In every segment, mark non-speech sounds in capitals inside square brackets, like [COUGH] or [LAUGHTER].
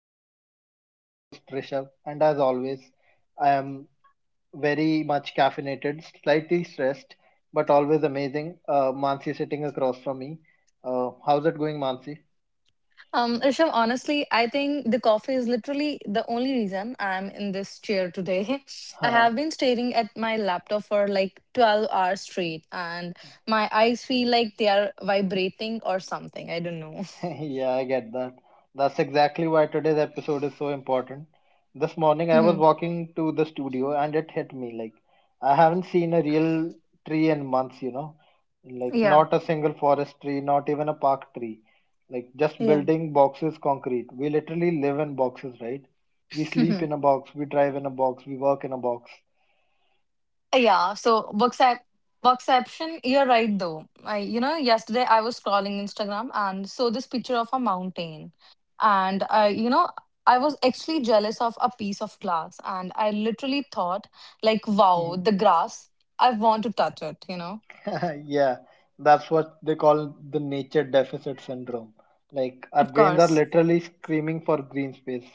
Great Escape. I am your host, Rishabh, and as always, I am very much caffeinated, slightly stressed, but always amazing. Mansi sitting across from me. How's it going, Mansi? Risham, honestly, I think the coffee is literally the only reason I'm in this chair today. [LAUGHS] I have been [LAUGHS] staring at my laptop for like 12 hours straight, and my eyes feel like they are vibrating or something. I don't know. [LAUGHS] Yeah, I get that. That's exactly why today's episode is so important. This [LAUGHS] morning I was hmm walking to the studio and it hit me like I haven't seen a real tree in months, you know. Like Yeah. not a single forest tree, not even a park tree. Like just Yeah. building boxes concrete. We literally live in boxes, right? We sleep in a [LAUGHS] box, we drive in a box, we work in a box. Yeah, so Worksaption, you're right though. Yesterday I was scrolling Instagram and saw this picture of a mountain. And I was actually jealous of a piece of glass and I literally thought, like, wow, the [LAUGHS] grass, I want to touch it? [LAUGHS] Yeah, that's what they call the nature deficit syndrome. Like our Of brains are course. literally screaming for green space,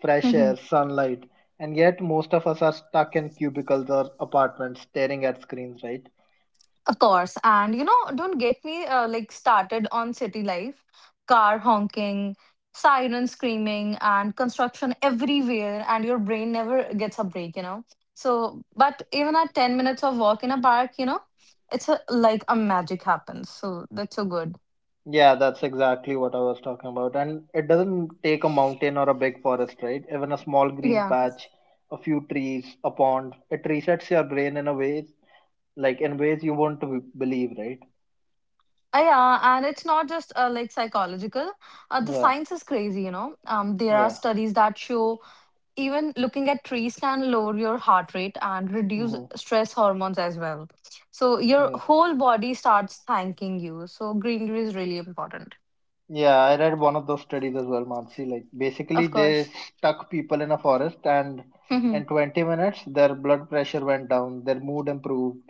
fresh air, [LAUGHS] sunlight, and yet most of us are stuck in cubicles or apartments staring at screens, right? Of course. And you know, don't get me like started on city life, car honking, siren screaming, and construction everywhere, and your brain never gets a break, you know. So, but even at 10 minutes of walk in a park, you know, it's a, like a magic happens. So that's so good. Yeah, that's exactly what I was talking about. And it doesn't take a mountain or a big forest, right? Even a small green Yeah. patch, a few trees, a pond, it resets your brain in a way like in ways you won't believe, right? Yeah, and it's not just like psychological. The Yeah, science is crazy, you know. There are yeah. studies that show even looking at trees can lower your heart rate and reduce Mm-hmm. stress hormones as well. So your Yeah. whole body starts thanking you. So greenery is really important. Yeah, I read one of those studies as well, Mansi. Like basically Of they course. stuck people in a forest and in [LAUGHS] 20 minutes their blood pressure went down, their mood improved,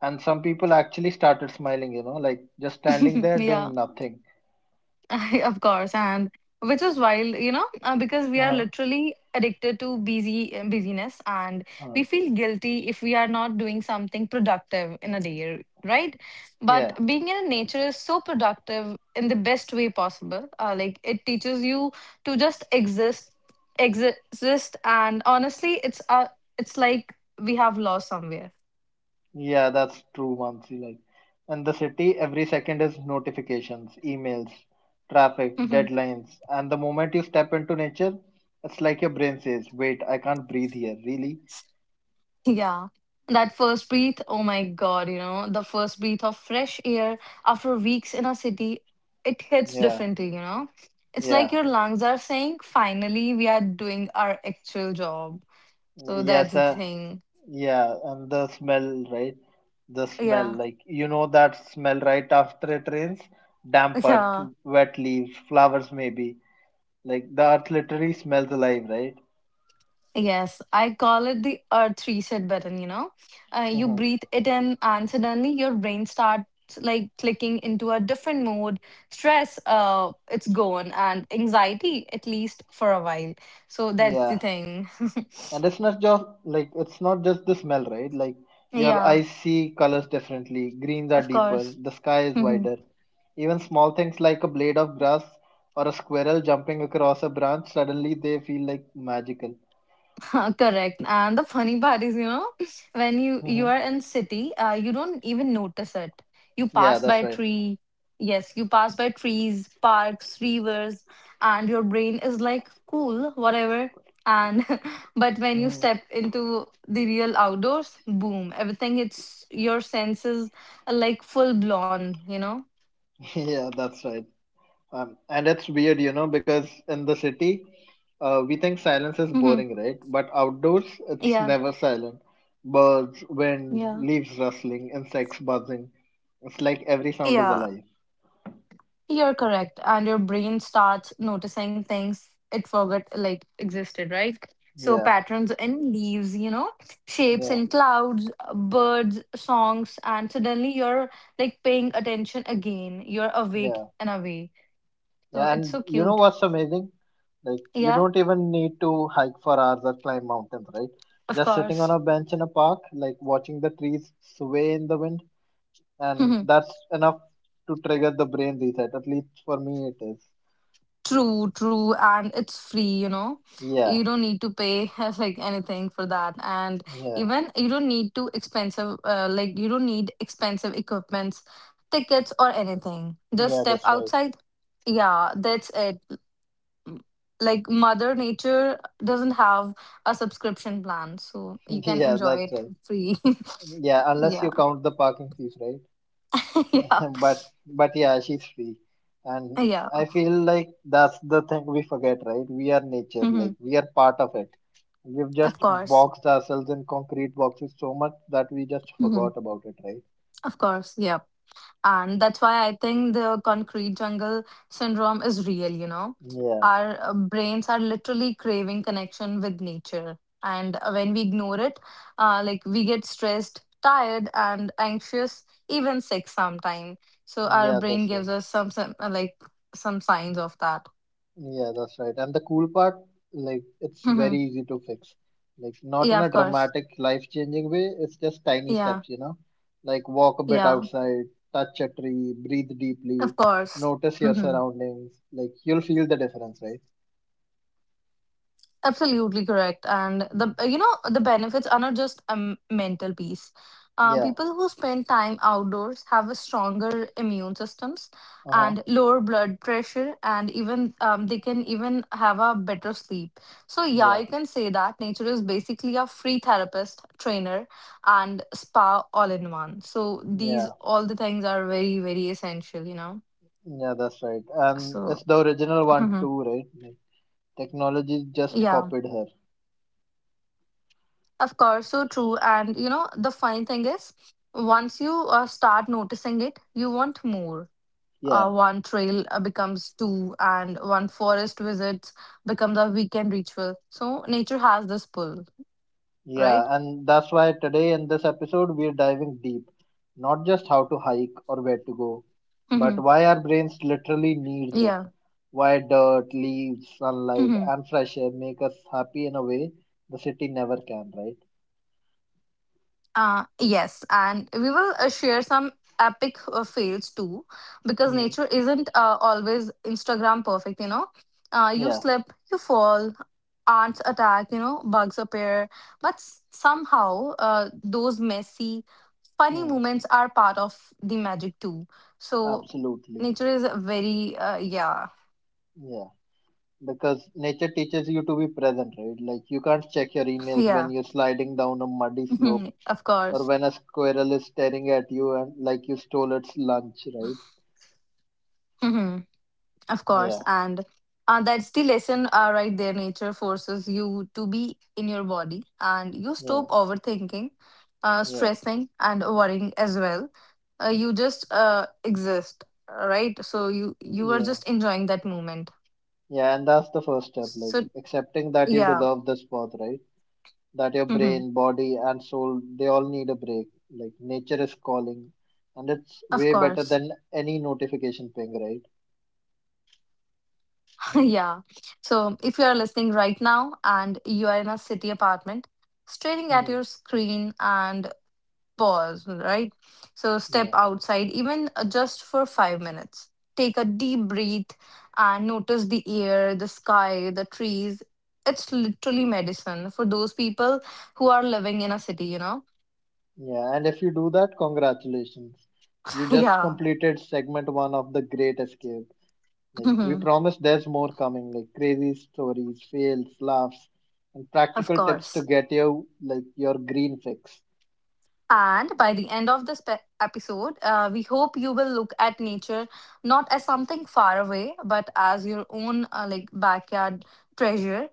and some people actually started smiling, you know, like just standing there yeah. doing nothing. [LAUGHS] Of course, and which is wild, you know, because we are Uh-huh. literally addicted to busyness, and we Uh-huh. feel guilty if we are not doing something productive in a day, right? But Yeah. being in nature is so productive in the best way possible. Like it teaches you to just exist, and honestly, it's like we have lost somewhere. Yeah, that's true, Mansi. Like in the city, every second is notifications, emails, traffic, [LAUGHS] deadlines, and the moment you step into nature, it's like your brain says, "Wait, I can't breathe here." Really? Yeah. That first breath, oh my God, you know, the first breath of fresh air after weeks in a city, it hits Yeah. differently, you know? It's like Yeah. your lungs are saying, finally, we are doing our actual job. So that's Yes, the uh, thing. yeah, and the smell, right? The smell, Yeah. like you know that smell right after it rains, damp [LAUGHS] earth, Yeah. wet leaves, flowers maybe. Like the earth literally smells alive, right? Yes, I call it the earth reset button, you know. You hmm breathe it in, and suddenly your brain starts like clicking into a different mode. Stress, it's gone, and anxiety, at least for a while. So that's the Yeah, thing. and it's not just the smell, right? Like [LAUGHS] your yeah, eyes see colors differently. Greens are of deeper, course. the sky is wider. [LAUGHS] Even small things like a blade of grass or a squirrel jumping across a branch, suddenly they feel like magical. [LAUGHS] Huh, correct. And the funny part is, you know, [LAUGHS] when you hmm are in city, you don't even notice it. You Yeah, pass that's by right. tree. Yes, you pass by trees, parks, rivers, and your brain is like, cool, whatever. And [LAUGHS] but when you Mhm. step into the real outdoors, boom, everything it's your senses are like full blown, you know? [LAUGHS] Yeah, that's right. And it's weird, you know, because in the city, we think silence is Hmm boring, right? But outdoors, it's Yeah, never silent. Birds, wind, yeah. leaves rustling, insects buzzing. It's like every sound is Yeah, alive. you're correct. And your brain starts noticing things it forgot like existed, right? So Yeah, patterns in leaves, you know, shapes yeah, in clouds, birds, songs, and suddenly you're like paying attention again. You're awake yeah, in a way, so yeah. it's And so you know cute. what's amazing? Like, you Yeah, don't even need to hike for hours or climb mountains, right? of Just sitting on course. a bench in a park, like watching the trees sway in the wind and [LAUGHS] that's enough to trigger the brain reset. At least for me, it is. True, true, and it's free, you know. Yeah, You don't need to pay [LAUGHS] like anything for that, and yeah, even you don't need to expensive, like you don't need expensive equipments, tickets or anything. Just yeah. step That's right. outside. Yeah, that's it. M- Like Mother Nature doesn't have a subscription plan, so you [LAUGHS] can Yeah, enjoy that's it right. free. Yeah, [LAUGHS] unless yeah, you count the parking fees, right? [LAUGHS] yeah, [LAUGHS] but but yeah, she's free, and yeah. I feel like that's the thing we forget, right? We are nature, hmm like we are part of it. We've just Of course, boxed ourselves in concrete boxes so much that we just hmm forgot about it, right? of course. Yeah. And that's why I think the concrete jungle syndrome is real, you know, Yeah, our brains are literally craving connection with nature, and when we ignore it, like we get stressed, tired and anxious, even sick sometime. So our yeah, brain that's gives us some like some signs right. of that. Yeah, that's right. And the cool part, like, it's [LAUGHS] very hmm easy to fix. Like, not yeah in of a course dramatic, life-changing way. It's just tiny yeah steps, you know? Like, walk a bit yeah outside, touch a tree, breathe of deeply, course [LAUGHS] notice your hmm surroundings. Like, you'll feel the difference, right? Absolutely correct. And Mm. the you know the benefits are not just a mental peace. Yeah. People who spend time outdoors have a stronger immune systems Uh-huh. and lower blood pressure, and even they can even have a better sleep. So yeah, Yeah. you can say that nature is basically a free therapist, trainer, and spa all in one. So these Yeah. all the things are very very essential, you know. Yeah, that's right. And it's So the original one [LAUGHS] too, right? Like, technology just yeah. copied her. Of course, so true. And you know, the funny thing is, once you start noticing it, you want more. Yeah. One trail becomes two, and one forest visit becomes a weekend ritual. So nature has this pull, Yeah, right? and that's why today in this episode we're diving deep, not just how to hike or where to go, but hmm why our brains literally need this. Yeah. Why dirt, leaves, sunlight, hmm and fresh air make us happy in a way the city never can, right? Yes, and we will share some epic fails too, because Mm, nature isn't always Instagram perfect, you know. You yeah, slip, you fall, ants attack, you know, bugs appear, but somehow those messy, funny mm, moments are part of the magic too. So Absolutely. nature is very, yeah, Yeah, because nature teaches you to be present, right? Like you can't check your emails when yeah, you're sliding down a muddy slope [LAUGHS] of or course. when a squirrel is staring at you and like you stole its lunch, right? [LAUGHS] Of course, Yeah. and that's the lesson right there. Nature forces you to be in your body, and you Yeah, stop overthinking, yeah, stressing, and worrying as well. You just exist, right? So you are yeah, just enjoying that moment. yeah, and that's the first step, like So accepting that you yeah, deserve this birth, right? That your hmm brain, body, and soul, they all need a break. Like nature is calling, and it's of way better course, than any notification ping, right? [LAUGHS] [LAUGHS] yeah. So if you are listening right now and you are in a city apartment, staring at Mhm. your screen and pause, right? So step Yeah, outside, even just for 5 minutes. Take a deep breath and notice the air, the sky, the trees. It's literally medicine for those people who are living in a city, you know? yeah, and if you do that, congratulations. You [LAUGHS] just Yeah, completed segment one of The Great Escape. Like, we Mhm. promise there's more coming, like crazy stories, fails, laughs, and of practical tips to course. get you, like, your green fix. And by the end of this episode, we hope you will look at nature not as something far away, but as your own like backyard treasure.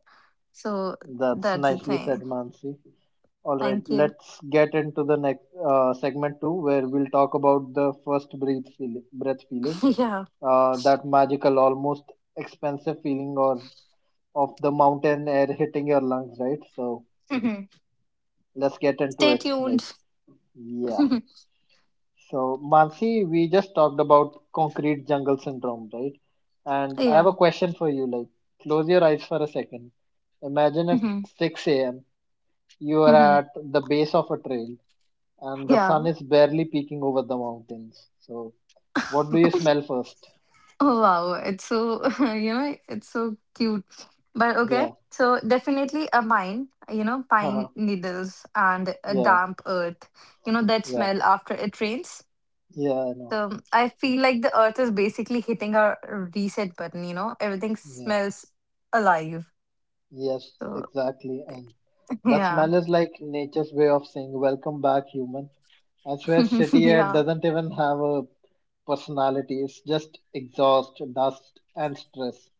So That's that's the nicely said, thing. Mansi. All right, Thank you. let's get into the next segment two, where we'll talk about the breath feeling, [LAUGHS] yeah. That magical, almost expensive feeling or of the mountain air hitting your lungs, right? So hmm let's get into Stay it. tuned. Like, yeah. [LAUGHS] So Mansi, we just talked about concrete jungle syndrome, right? And I have yeah. a question for you. Like, close your eyes for a second. Imagine it's hmm 6 a.m. You are hmm at the base of a trail and the sun Yeah. is barely peeking over the mountains. So, what do you smell first? Oh, wow. It's so, [LAUGHS] you know, it's so cute. But okay. Yeah, So definitely a mine, you know, [LAUGHS] pine haha, needles and a yeah, damp earth, you know, that yeah, smell after it rains. yeah, I know. So I feel like the earth is basically hitting our reset button, you know, everything Yeah, smells alive. yes, So exactly. And [LAUGHS] that yeah. smell is like nature's way of saying, "Welcome back, human." I swear, [LAUGHS] city air yeah. doesn't even have a personality, it's just exhaust, dust, and stress.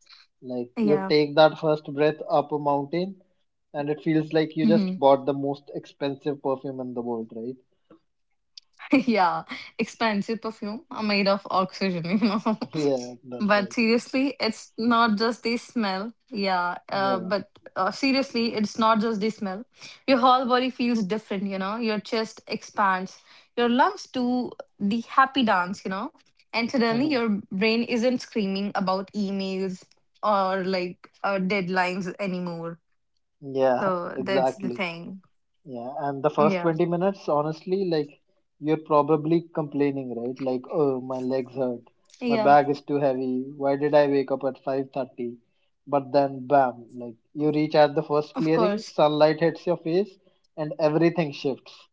Like, you Yeah. take that first breath up a mountain, and it feels like you just Mm-hmm. bought the most expensive perfume in the world, right? [LAUGHS] Yeah, expensive perfume are made of oxygen, you know. [LAUGHS] Yeah, [LAUGHS] that's But right. seriously, it's not just the smell. Yeah, Yeah. but seriously, it's not just the smell. Your whole body feels different, you know. Your chest expands, your lungs do the happy dance, you know. And suddenly, your [LAUGHS] brain isn't screaming about emails or like deadlines anymore. Yeah, So that's the exactly. thing. Yeah. And the first Yeah, 20 minutes, honestly, like you're probably complaining, right? Like, oh, my legs hurt. My yeah, bag is too heavy. Why did I wake up at 5:30? But then bam, like you reach at the of first course. clearing, sunlight hits your face and everything shifts.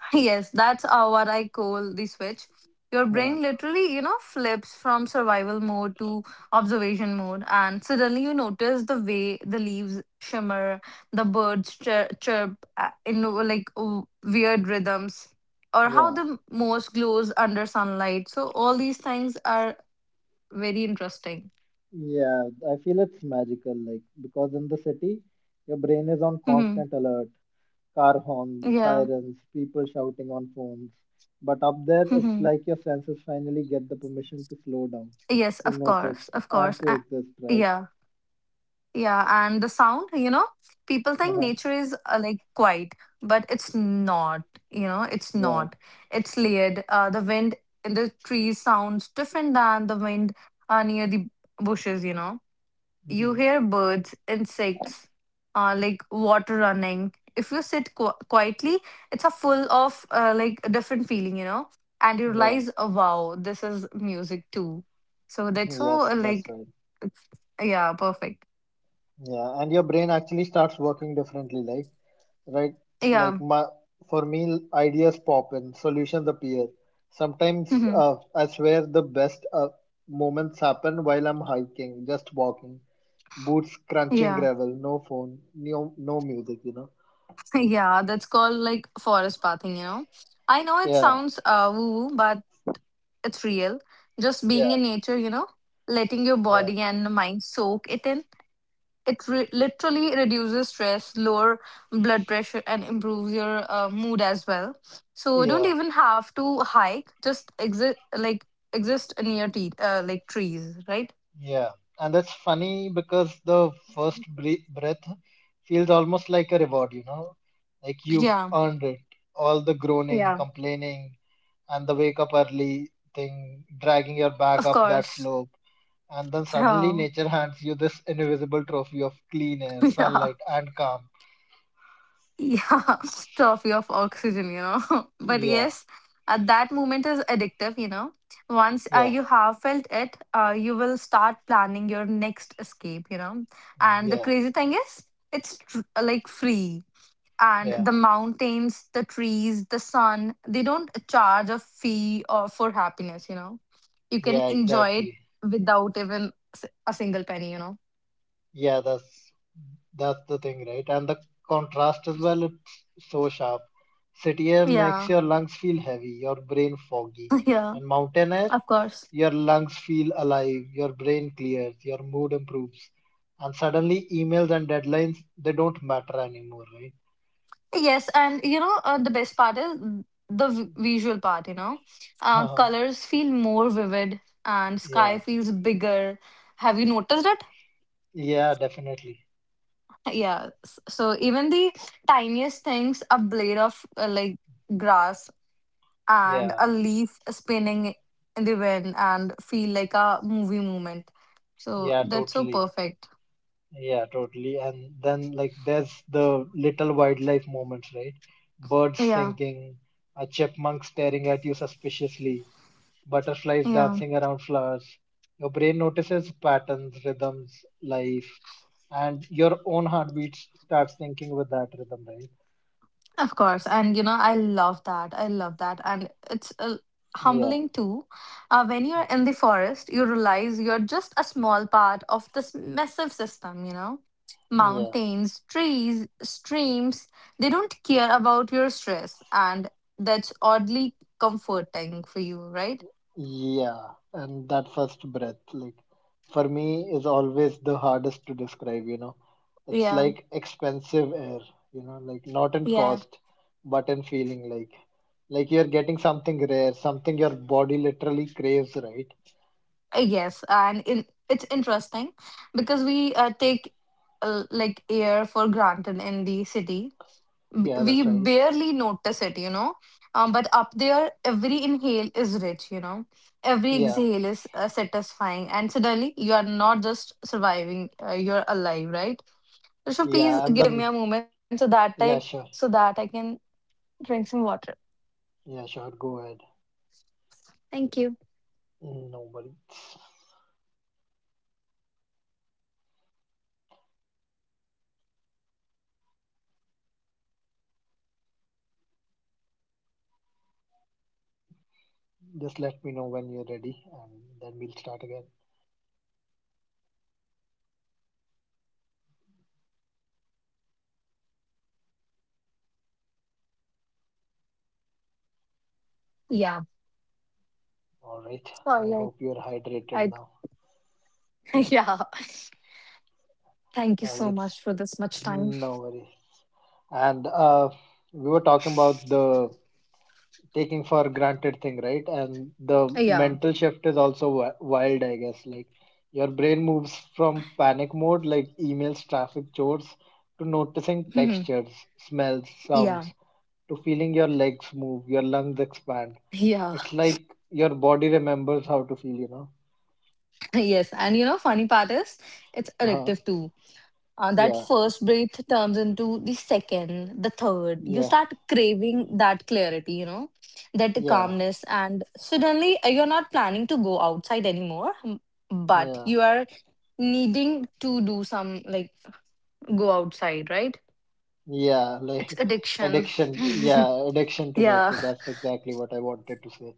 Yes, that's what I call the switch. Your brain Uh, literally, you know, flips from survival mode to observation mode, and suddenly you notice the way the leaves shimmer, the birds chirp in like weird rhythms, or how yeah. the moss glows under sunlight. So, all these things are very interesting. Yeah, I feel it's magical, like because in the city, your brain is on Hmm constant alert. Car horns, Yeah. sirens, people shouting on phones. But up there, it's hmm like your senses finally get the permission to slow down, Yes, to of notice, course. Of and course. to exist, right? Yeah. Yeah, and the sound, you know, people think Uh-huh. nature is like quiet, but it's not, you know, it's Yeah. not. It's layered. The wind in the trees sounds different than the wind near the bushes, you know. You Hmm. hear birds, insects, like water running. If you sit qu quietly, it's a full of like a different feeling, you know, and you Yeah. realize, oh, wow, this is music too. So that's so Yes, that's like, right. it's- yeah, perfect. Yeah. And your brain actually starts working differently. Like, right? Yeah. Like my For me, ideas pop in, solutions appear. Sometimes Mm-hmm. I swear the best moments happen while I'm hiking, just walking, boots crunching Yeah. [LAUGHS] gravel, no phone, no music, you know. Yeah, that's called like forest pathing, you know. I know it Yeah, sounds woo, woo, but it's real. Just being yeah, in nature, you know, letting your yeah, body and mind soak it in. It literally reduces stress, lower blood pressure, and improves your mood as well. So you don't yeah, even have to hike. Just exist like exist near like trees, right? yeah. And that's funny because the breath feels almost like a reward, you know, like you've Yeah. earned it. All the groaning, Yeah. complaining, and the wake up early thing, dragging your back Of up that course. slope. And then suddenly Yeah. nature hands you this invisible trophy of clean air, [LAUGHS] Yeah. sunlight, and calm. yeah [LAUGHS] trophy of oxygen you know [LAUGHS] but Yeah, yes that moment is addictive you know once yeah, you have felt it you will start planning your next escape you know and the yeah, crazy thing is it's like free and yeah, the mountains the trees the sun they don't charge a fee or for happiness you know you can yeah, enjoy it exactly. without even a single penny you know Yeah, that's the thing, right? And the contrast as well, it's so sharp. City air makes yeah your lungs feel heavy, your brain foggy, [LAUGHS] yeah and mountain air. of course Your lungs feel alive, your brain clears, your mood improves. And suddenly emails and deadlines they don't matter anymore, Yes, and you know, the best part is the visual part, you know. Right? Colors feel more vivid and sky [LAUGHS] Yeah. feels bigger. Have you noticed it? Yeah, definitely. Yeah. So even the tiniest things, a blade of like grass and Yeah. a leaf spinning in the wind and feel like a movie moment. So Yeah, that's so totally. perfect. Yeah, totally. And then like there's the little wildlife moments, right? Birds Yeah. singing, a chipmunk staring at you suspiciously, butterflies Yeah. dancing around flowers. Your brain notices patterns, rhythms, life, and your own heartbeat starts thinking with that rhythm, right? Of course, and you know, I love that. I love that, and it's Yeah, humbling too. When you're in the forest, you realize you're just a small part of this massive system. You know, yeah, mountains, trees, streams. They don't care about your stress, and that's oddly comforting for you, right? yeah. And that first breath, like, for me, is always the hardest to describe, you know. It's Yeah, like expensive air, you know, like not in yeah, cost, but in feeling, like you're getting something rare, something your body literally craves, right? Yes, and it's interesting because we take like air for granted in the city. Yeah, We that's right. barely notice it, you know. But up there, every inhale is rich, you know. Every Yeah, exhale is satisfying. And suddenly, you are not just surviving, you're alive, right? So, please yeah, and give me the a moment so that Yeah, so sure. that I can drink some water. Yeah, sure. Go ahead. Thank you. No worries. Just let me know when you're ready and then we'll start again. Yeah. All right. I Sorry. hope you're hydrated I, now. I [LAUGHS] yeah. Thank you All so right. much for this much time. No worries. And we were talking about the taking for granted thing, right? And the Yeah. [LAUGHS] mental shift is also wild, I guess. Like your brain moves from panic mode, like emails, traffic, chores, to noticing Mhm. textures, smells, Yeah. sounds to feeling your legs move, your lungs expand. Yeah. It's like your body remembers how to feel, you know? [LAUGHS] Yes. And funny part is it's Uh-huh. addictive too. That Yeah, first breath turns into the second, the third. You yeah, start craving that clarity, that yeah, calmness. And suddenly you're not planning to go outside anymore, but yeah, you are needing to do some, like, go outside, right? yeah. Like It's [LAUGHS] addiction. addiction, addiction [LAUGHS] to Yeah. nature. That's exactly what I wanted to say.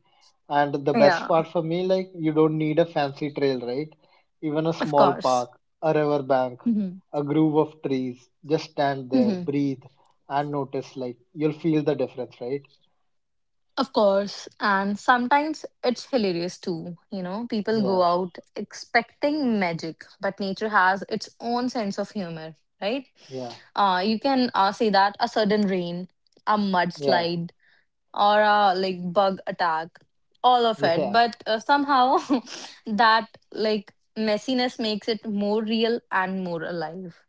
And the best Yeah. part for me, like, you don't need a fancy trail, right? Even a Of small course. park, a river bank, Hmm. a groove of trees. Just stand there, breathe, and notice, like, you'll feel the difference, right? Of course, and sometimes it's hilarious too. You know, people go Yeah, out expecting magic, but nature has its own sense of humor, right? yeah, You can say that a sudden rain, a yeah, mudslide, or a like bug attack, all of it, [LAUGHS] yeah. but somehow [LAUGHS] that like messiness makes it more real and more alive.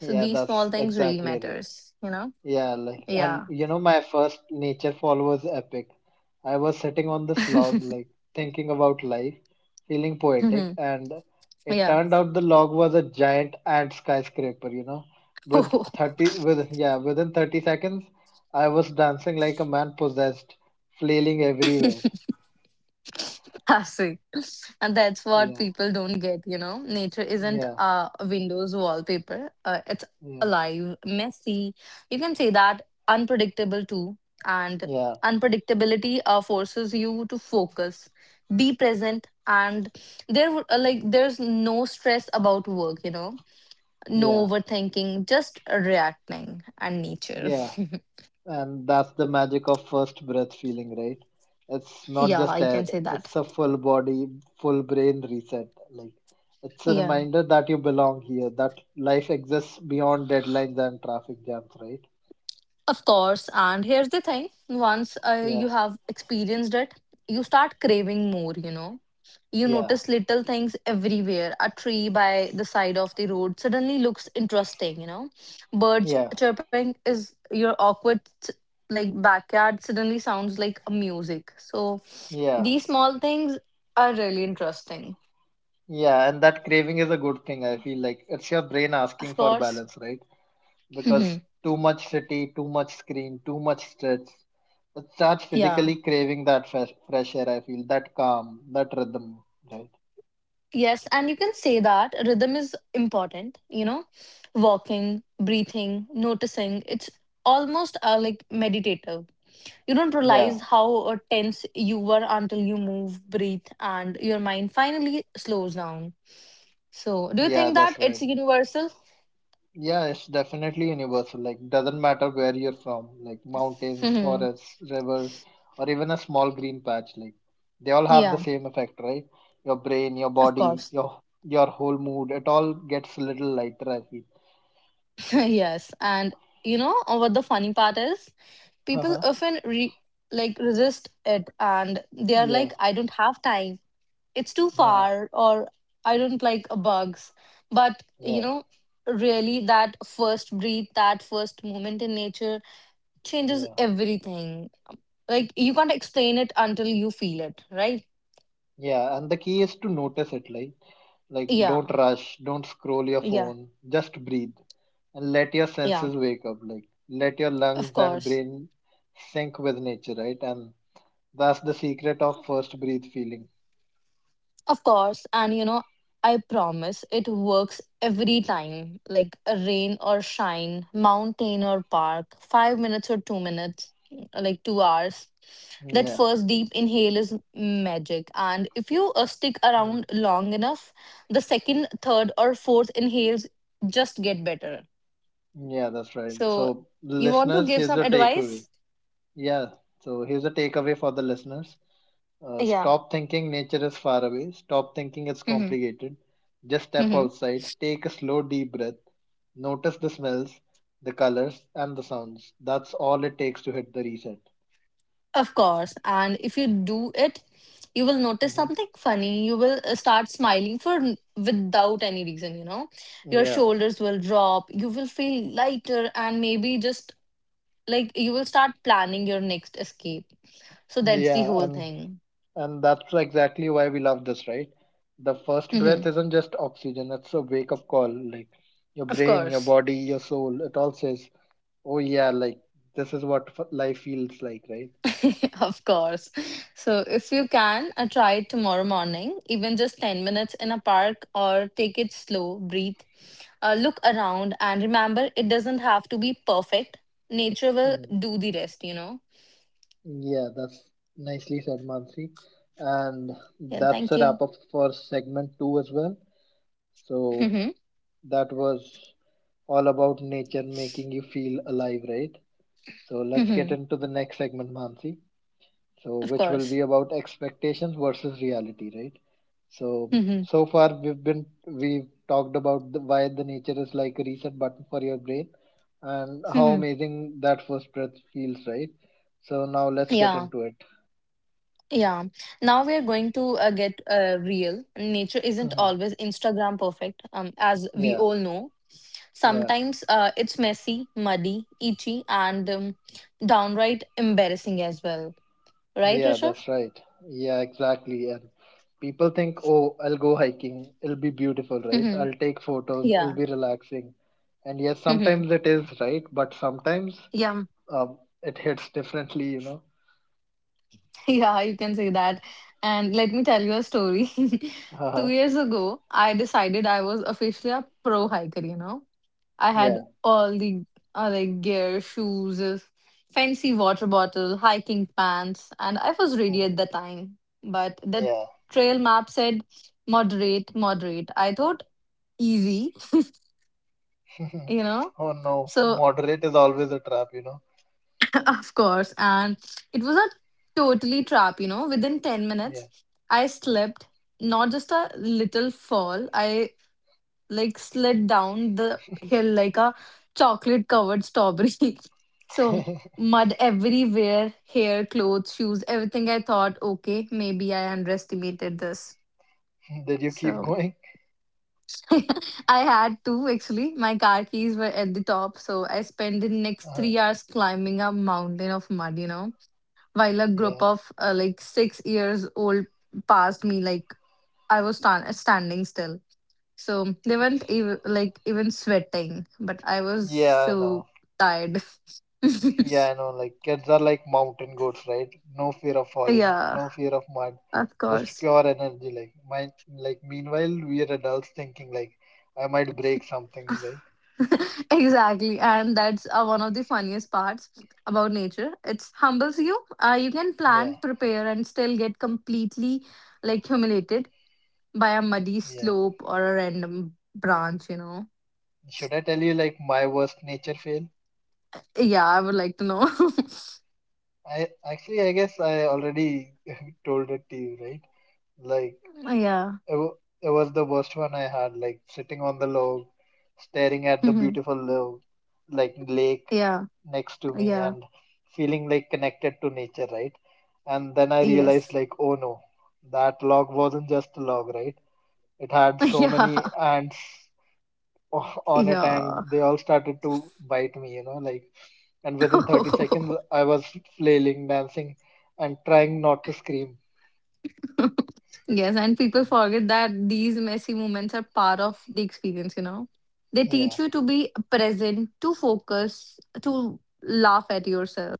So Yeah, these small that's things really exactly right. matters, you know? Yeah, like, and Yeah. you know, my first nature fall was epic. I was sitting on this [LAUGHS] log, like, thinking about life, feeling poetic, Mhm. and it Yeah. turned out the log was a giant ant skyscraper, you know. [LAUGHS] With Oh, 30, with, Yeah, within 30 seconds, I was dancing like a man possessed, flailing everywhere. classic. And that's what Yeah, people don't get, you know. Nature isn't yeah, a Windows wallpaper. It's yeah, alive, messy. You can say that unpredictable too. And yeah, unpredictability forces you to focus, be present, and there would like there's no stress about work, you know. No yeah, overthinking, just reacting and nature. yeah. And that's the magic of first breath feeling, right? It's [LAUGHS] not Yeah, just I air, can say that. it's a full body, full brain reset. Like, it's a Yeah. reminder that you belong here, that life exists beyond deadlines and traffic jams, right? Of course. And here's the thing, once Yeah, you have experienced it, you start craving more, you know. You yeah, notice little things everywhere. A tree by the side of the road suddenly looks interesting, you know. Birds yeah, chirping is your awkward, like backyard suddenly sounds like a music. So yeah, these small things are really interesting. yeah. And that craving is a good thing, I feel like. It's your brain Of asking for course. balance, right? Because Mhm. too much city, too much screen, too much stress. It starts Yeah. physically craving that fresh air, I feel, that calm, that rhythm, right? Yes, and you can say that rhythm is important, you know, walking, breathing, noticing. It's almost like meditative. You don't Yeah, realize how tense you were until you move, breathe, and your mind finally slows down. So, do you yeah, think that that's it's right. universal? Yeah, it's definitely universal. Like, doesn't matter where you're from, like [LAUGHS] mountains, Hmm. forests, rivers, or even a small green patch, like they all have the Yeah, same effect, right? Your brain, your of body, course. your whole mood, it all gets a little lighter, I feel. [LAUGHS] [LAUGHS] Yes, and what the funny part is? People Uh-huh. often like resist it, and they are Yeah, like, "I don't have time." It's too yeah, far or I don't like bugs, but you yeah, know, really that first breath, that first moment in nature changes yeah. everything. Like, you can't explain it until you feel it, right? Yeah, and the key is to notice it, like Yeah. don't rush, don't scroll your Yeah. phone, just breathe and let your Yeah. senses wake up, like let your Of lungs and course. brain sync with nature, right? And that's the secret of first breathe feeling. Of course, and you know, I promise it works every time, like a rain or shine, mountain or park, 5 minutes or 2 minutes, like 2 hours. That Yeah. first deep inhale is magic, and if you stick Mm. around long enough, the second, third, or fourth inhales just get better. Yeah, that's right. So, So you want to listeners, give here's some a takeaway. advice? Yeah. So here's a takeaway for the listeners. Yeah. Stop thinking nature is far away. Stop thinking it's Hmm. complicated. Just step outside, take a slow deep breath. Notice the smells, the colors, and the sounds. That's all it takes to hit the reset. Of course. And if you do it, you will notice Hmm. something funny. You will start smiling for without any reason, you know. Your Yeah, shoulders will drop. You will feel lighter and maybe just like you will start planning your next escape. So that's the yeah, whole and thing. and that's exactly why we love this, right? The first Hmm. breath isn't just oxygen; it's a wake-up call. Like your Of brain, your course. body, your soul, it all says, "Oh yeah, like this is what life feels like," right? [LAUGHS] Of course. So if you can, try it tomorrow morning, even just 10 minutes in a park or take it slow, breathe. Look around and remember it doesn't have to be perfect. Nature will Hmm. do the rest, you know? Yeah, that's nicely said, Mansi. And Yeah, that's thank a wrap you. up for segment two as well. So Mhm, that was all about nature making you feel alive, right? So let's get mhm, into the next segment, Mansi. So of which will course. be about expectations versus reality, right? So Mhm, so far we've talked about the, why the nature is like a reset button for your brain and how mhm. amazing that first breath feels, right? So now let's get Yeah, into it. [LAUGHS] yeah. Now we're going to get real. Nature isn't Mhm. always Instagram perfect, as we Yeah, all know. yeah. Sometimes it's messy, muddy, itchy, and downright embarrassing as well. Right, Yeah, Rishabh? that's right. Yeah, exactly. And people think, oh, I'll go hiking. It'll be beautiful, right? Mm-hmm. I'll take photos. It'll Yeah. be relaxing. And yes, Mm-hmm. sometimes it is, right? But sometimes Yeah. It hits differently, you know? [LAUGHS] Yeah, you can say that. And let me tell you a story. [LAUGHS] Two Uh-huh. years ago, I decided I was officially a pro hiker, you know. I had Yeah. all the like gear, shoes, fancy water bottle, hiking pants, and I was ready at Mhm. the time. But the Yeah. trail map said moderate. I thought easy, [LAUGHS] [LAUGHS] you know. Oh no, So. moderate is always a trap, you know? [LAUGHS] Of course. And it was a totally trap, you know. Within 10 minutes, Yeah. I slipped, not just a little fall. I like slid down the hill like a chocolate covered strawberry. [LAUGHS] So, mud everywhere, hair, clothes, shoes, everything. I thought, okay, maybe I underestimated this. [LAUGHS] Did you keep So, going? [LAUGHS] I had to actually. My car keys were at the top. So, I spent the next Uh-huh. 3 hours climbing a mountain of mud, you know. While a group Yeah. of like 6 years old passed me like I was standing still. So they weren't even like even sweating, but I was Yeah, so no. tired. [LAUGHS] Yeah, I know. Like kids are like mountain goats, right? No fear of falling, Yeah. no fear of mud, Of just course. pure energy. Like my, like meanwhile we are adults thinking like I might break something, right? [LAUGHS] Exactly. And that's one of the funniest parts about nature, it humbles you. You can Yeah, plan, prepare, and still get completely like humiliated by a muddy yeah. slope or a random branch, you know. Should I tell you like my worst nature fail? Yeah, I would like to know. [LAUGHS] I guess I already [LAUGHS] told it to you, right? Like Oh, yeah. It was the worst one I had, like sitting on the log, staring at the Mhm. beautiful log, like lake Yeah. next to me Yeah. and feeling like connected to nature, right? And then I realized Yes. like, oh no, that log wasn't just a log, right? It had [LAUGHS] so many Yeah. ants [LAUGHS] on it Yeah. and they all started to bite me, like, and within 30 [LAUGHS] seconds I was flailing, dancing and trying not to scream. Yes. And people forget that these messy moments are part of the experience, you know? They Yeah. teach you to be present, to focus, to laugh at yourself.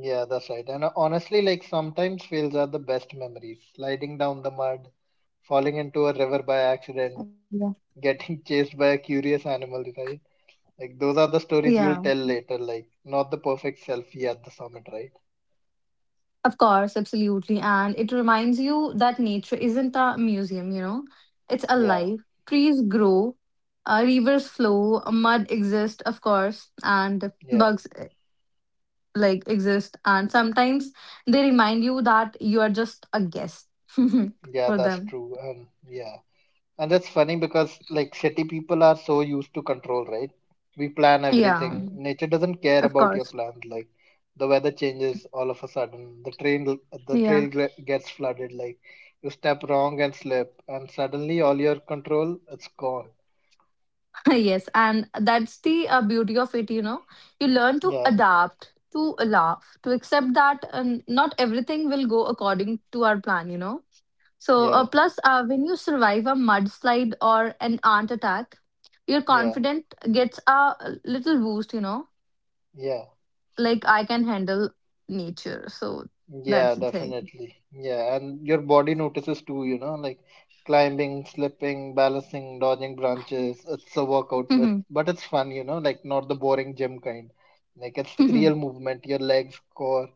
Yeah, that's right. And honestly, like sometimes fails are the best memories. Sliding down the mud, falling into a river by accident, Yeah, getting [LAUGHS] chased by a curious animal, right? Like those are the stories you'll yeah, tell later, like not the perfect selfie at the summit, right? of course, absolutely. And it reminds you that nature isn't a museum, you know, it's Yeah, alive. Trees grow, rivers flow, mud exists, of course, and yeah, bugs like exist. And sometimes they remind you that you are just a guest [LAUGHS] yeah, for that's them. true. And yeah. And that's funny because like city people are so used to control, right? We plan Yeah, everything. Nature doesn't care of about your course. plans. Like the weather changes all of a sudden. The Yeah. trail gets flooded. Like you step wrong and slip, and suddenly all your control it's gone. [LAUGHS] Yes, and that's the beauty of it, you know, you learn to Yeah, adapt to laugh, to accept that not everything will go according to our plan, you know. So yeah, plus, when you survive a mudslide or an ant attack, your yeah, confidence gets a little boost, you know. yeah. Like, I can handle nature. So that's Yeah, the thing. [LAUGHS] definitely. Yeah, and your body notices too, like climbing, slipping, balancing, dodging branches. It's a workout, it, Mhm. but it's fun, like not the boring gym kind. Like it's Mhm. real movement, your legs, core,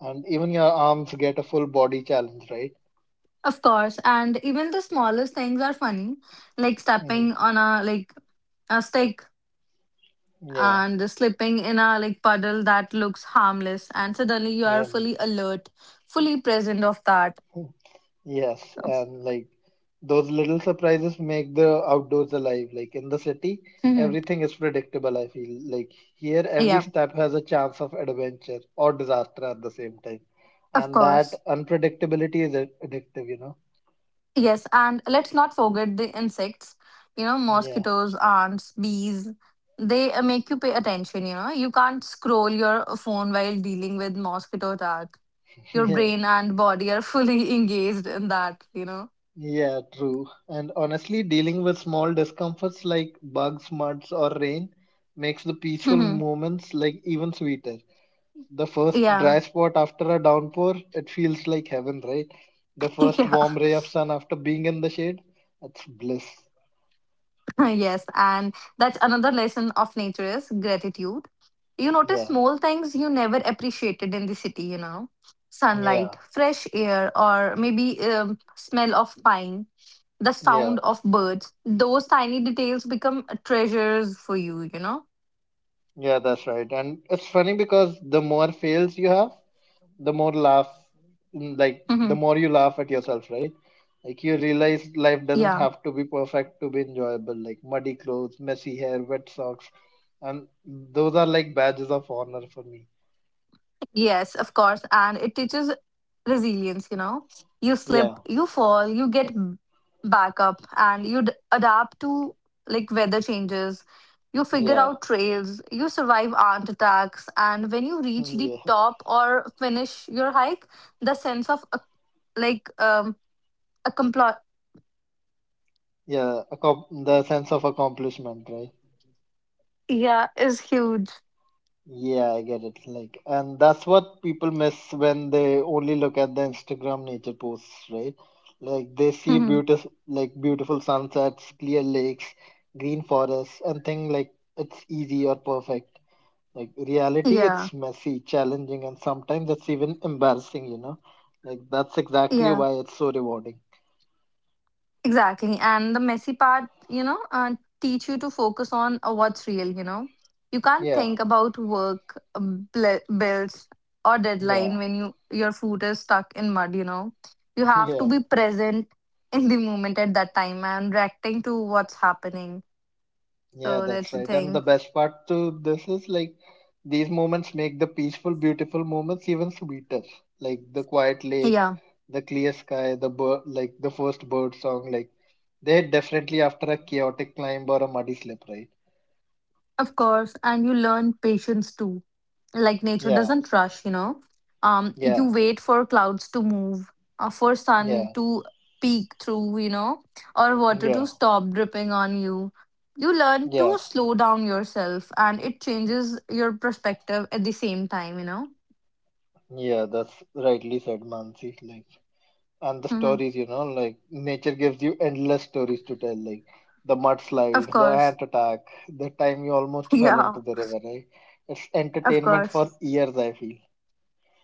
and even your arms get a full body challenge, right? Of course, and even the smallest things are funny, like Hmm. stepping on a a stick Yeah, and slipping in a, like, puddle that looks harmless, and suddenly you are yeah. fully alert, fully present of that. Yes, So, and like those little surprises make the outdoors alive. Like in the city, mhm, everything is predictable, I feel. Like here, every yeah, step has a chance of adventure or disaster at the same time. of And course. that unpredictability is addictive, you know? Yes, and let's not forget the insects, you know, Yeah, mosquitoes, ants, bees. They make you pay attention, you know. You can't scroll your phone while dealing with mosquito attack. [LAUGHS] Your yeah, brain and body are fully [LAUGHS] engaged in that, you know. yeah, true. And honestly, dealing with small discomforts like bugs, muds, or rain makes the peaceful Mhm. moments like even sweeter. The first Yeah. dry spot after a downpour, it feels like heaven, right? The [LAUGHS] first yeah. warm ray of sun after being in the shade, it's bliss. [LAUGHS] Yes, and that's another lesson of nature, is gratitude. You notice Yeah, small things you never appreciated in the city, you know, sunlight, yeah, fresh air, or maybe smell of pine, the sound yeah, of birds. Those tiny details become treasures for you, you know. yeah, that's right. And it's funny because the more fails you have, the more laugh, [LAUGHS] Hmm. The more you laugh at yourself, right? Like, you realize Yeah. life doesn't have to be perfect to be enjoyable, like muddy clothes, messy hair, wet socks. And those are like badges of honor for me. Yes, of course, and it teaches resilience, you know. You Yeah, slip, you fall, you get back up, and you adapt to, like, weather changes. You figure yeah, out trails, you survive ant attacks, and when you [LAUGHS] reach the yeah. top or finish your hike, the sense of like, a complot, The sense of accomplishment, right? yeah, is huge. Yeah, I get it. Like, and that's what people miss when they only look at the Instagram nature posts, right? Like they see Mhm. beautiful, like beautiful sunsets, clear lakes, green forests, and think like it's easy or perfect. Like reality, Yeah, it's messy, challenging, and sometimes it's even embarrassing, you know? Like that's exactly yeah. why it's so rewarding. Exactly. And the messy part, you know, teach you to focus on what's real, you know. You can't Yeah, think about work, bills, or deadline yeah, when your foot is stuck in mud, you know. You [LAUGHS] have to yeah. be present [LAUGHS] in the moment at that time, and reacting to what's happening. Yeah, So that's that's the right. And the thing. best part to this is like these moments make the peaceful, beautiful moments even sweeter. Like the quiet lake, Yeah, the clear sky, like the first bird song. Like they're definitely after a chaotic climb or a muddy slip, right? of course. And you learn patience too, like nature Yeah, doesn't rush, you know. You yeah, wait for clouds to move, for sun yeah, to peek through, you know, or water to yeah, stop dripping on you. You learn yeah, to slow down yourself, and it changes your perspective at the same time, you know. yeah. That's rightly said, Mansi. Like. And the Hmm. stories, like nature gives you endless stories to tell, like the Of mudslides, the course. ant attack, the time you [LAUGHS] almost fell Yeah. into the river, right? It's Of entertainment for course. years, I feel.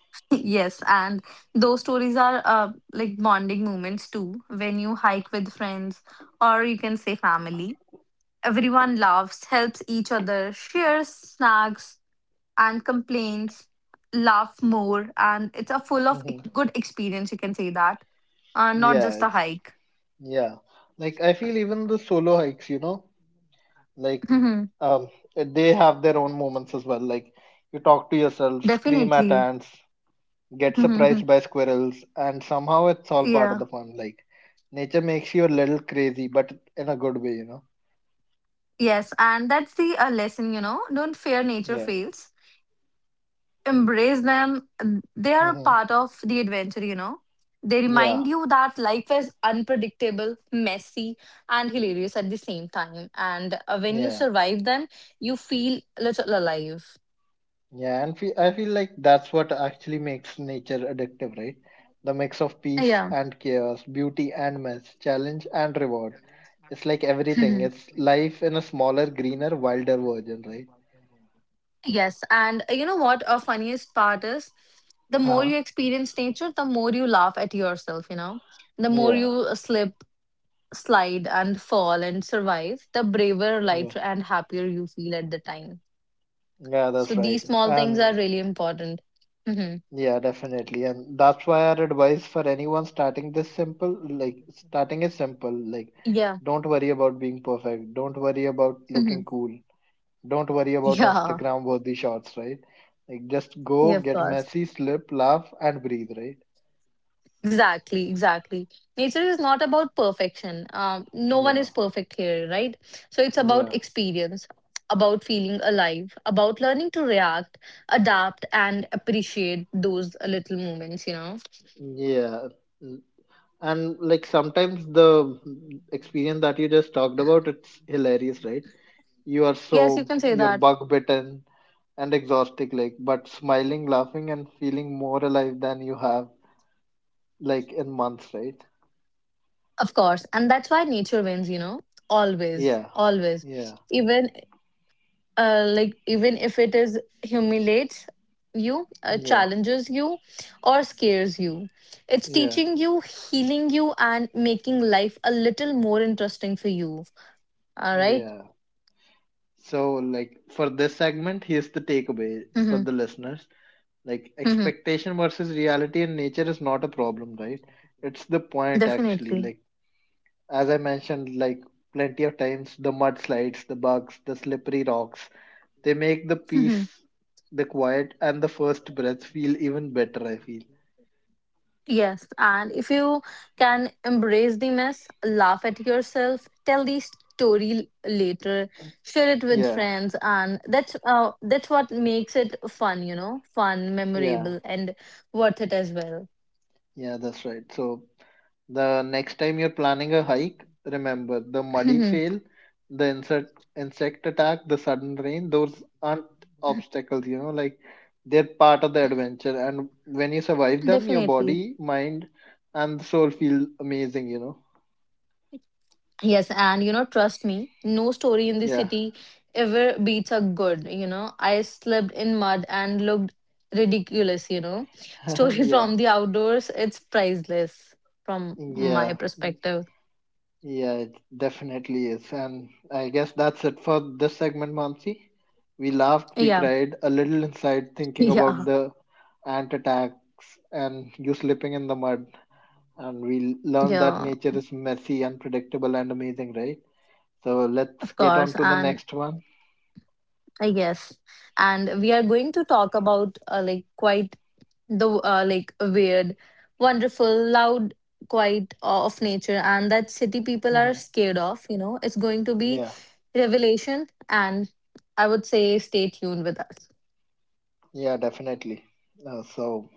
[LAUGHS] Yes, and those stories are like bonding moments too, when you hike with friends, or you can say family. Everyone laughs, helps each other, shares snacks and complaints, laugh more, and it's a full of Hmm. good experience, you can say that, not Yeah, just a it's hike. yeah, like I feel even the solo hikes, you know, like [LAUGHS] Mhm. um they have their own moments as well, like you talk to yourself, scream at Definitely. ants, get Mhm, mhm. surprised by squirrels, and somehow it's all part of Yeah. the fun. Like nature makes you a little crazy but in a good way, you know. Yes, and that's the lesson, you know. Don't fear nature Yeah. fails. Embrace them. They are a Hmm. part of the adventure, you know. They remind Yeah, you that life is unpredictable, messy, and hilarious at the same time. And when you yeah, survive them, you feel little alive. yeah. And fe I feel like that's what actually makes nature addictive, right? The mix of peace Yeah. and chaos, beauty and mess, challenge and reward. It's like [LAUGHS] everything. Mhm. It's life in a smaller, greener, wilder version, right? Yes, and you know what? A funniest part is the more Uh-huh. you experience nature, the more you laugh at yourself, you know, the more Yeah, you slip, slide, and fall and survive, the braver, yeah, lighter, and happier you feel at the time. yeah, So that's right. these small things are And really important. Hmm. yeah, definitely. And that's why our advice for anyone starting this simple, like starting is simple, like Yeah. don't worry about being perfect. Don't worry about Hmm. looking cool. Don't worry about Yeah. Instagram worthy shots, right? Like just go, Yeah, of get course. messy, slip, laugh, and breathe, right? Exactly, exactly. Nature is not about perfection. No one Yeah, is perfect here, right? So it's about yeah, experience, about feeling alive, about learning to react, adapt, and appreciate those little moments, you know? yeah. Mm, and like sometimes the mm, experience that you just talked about, it's hilarious, right? You are Yes, you soaked, can say you're that. bug bitten and exhausted, like, but smiling, laughing, and feeling more alive than you have, like, in months, right? Of course. And that's why nature wins, you know? Always, Yeah, always. yeah, Even like, even if it is humiliates you, yeah, challenges you, or scares you, it's yeah, teaching you, healing you, and making life a little more interesting for you, all right. yeah. So, like for this segment, here's the takeaway for Mm-hmm. the listeners. Like Mm-hmm. expectation versus reality in nature is not a problem, right? It's the point actually. Definitely. Like as I mentioned, like plenty of times the mudslides, the bugs, the slippery rocks, they make the peace, [LAUGHS] the quiet, and the first breath feel even better, I feel. Yes, and if you can embrace the mess, laugh at yourself, tell the story later, share it with Yeah, friends, and that's what makes it fun, you know, fun, yeah, memorable, and worth it as well. yeah, that's right. So the next time you're planning a hike, remember the muddy [LAUGHS] fail, the insect attack, the sudden rain, those aren't obstacles, you know, like they're part of the adventure. And when you survive them, your Definitely. body, mind, and soul feel amazing, you know. Yes, and you know, trust me, no story in the Yeah. city ever beats a good, you know, I slept in mud and looked ridiculous, you know. [LAUGHS] [LAUGHS] Story Yeah. from the outdoors, it's priceless from my Yeah. perspective. Yeah, it definitely is. And I guess that's it for this segment, Mansi. We laughed, we Yeah, cried a little inside [LAUGHS] thinking about yeah, the ant attacks and you slipping in the mud. And we learned that yeah, nature is messy, unpredictable, and amazing, right? So let's of get course. on to the And next one. Yes, and we are going to talk about like, quite the like, weird, wonderful, loud, quiet of nature, and that city people are Hmm. scared of. You know, it's going to be Yeah, revelation, and I would say stay tuned with us. yeah, definitely. So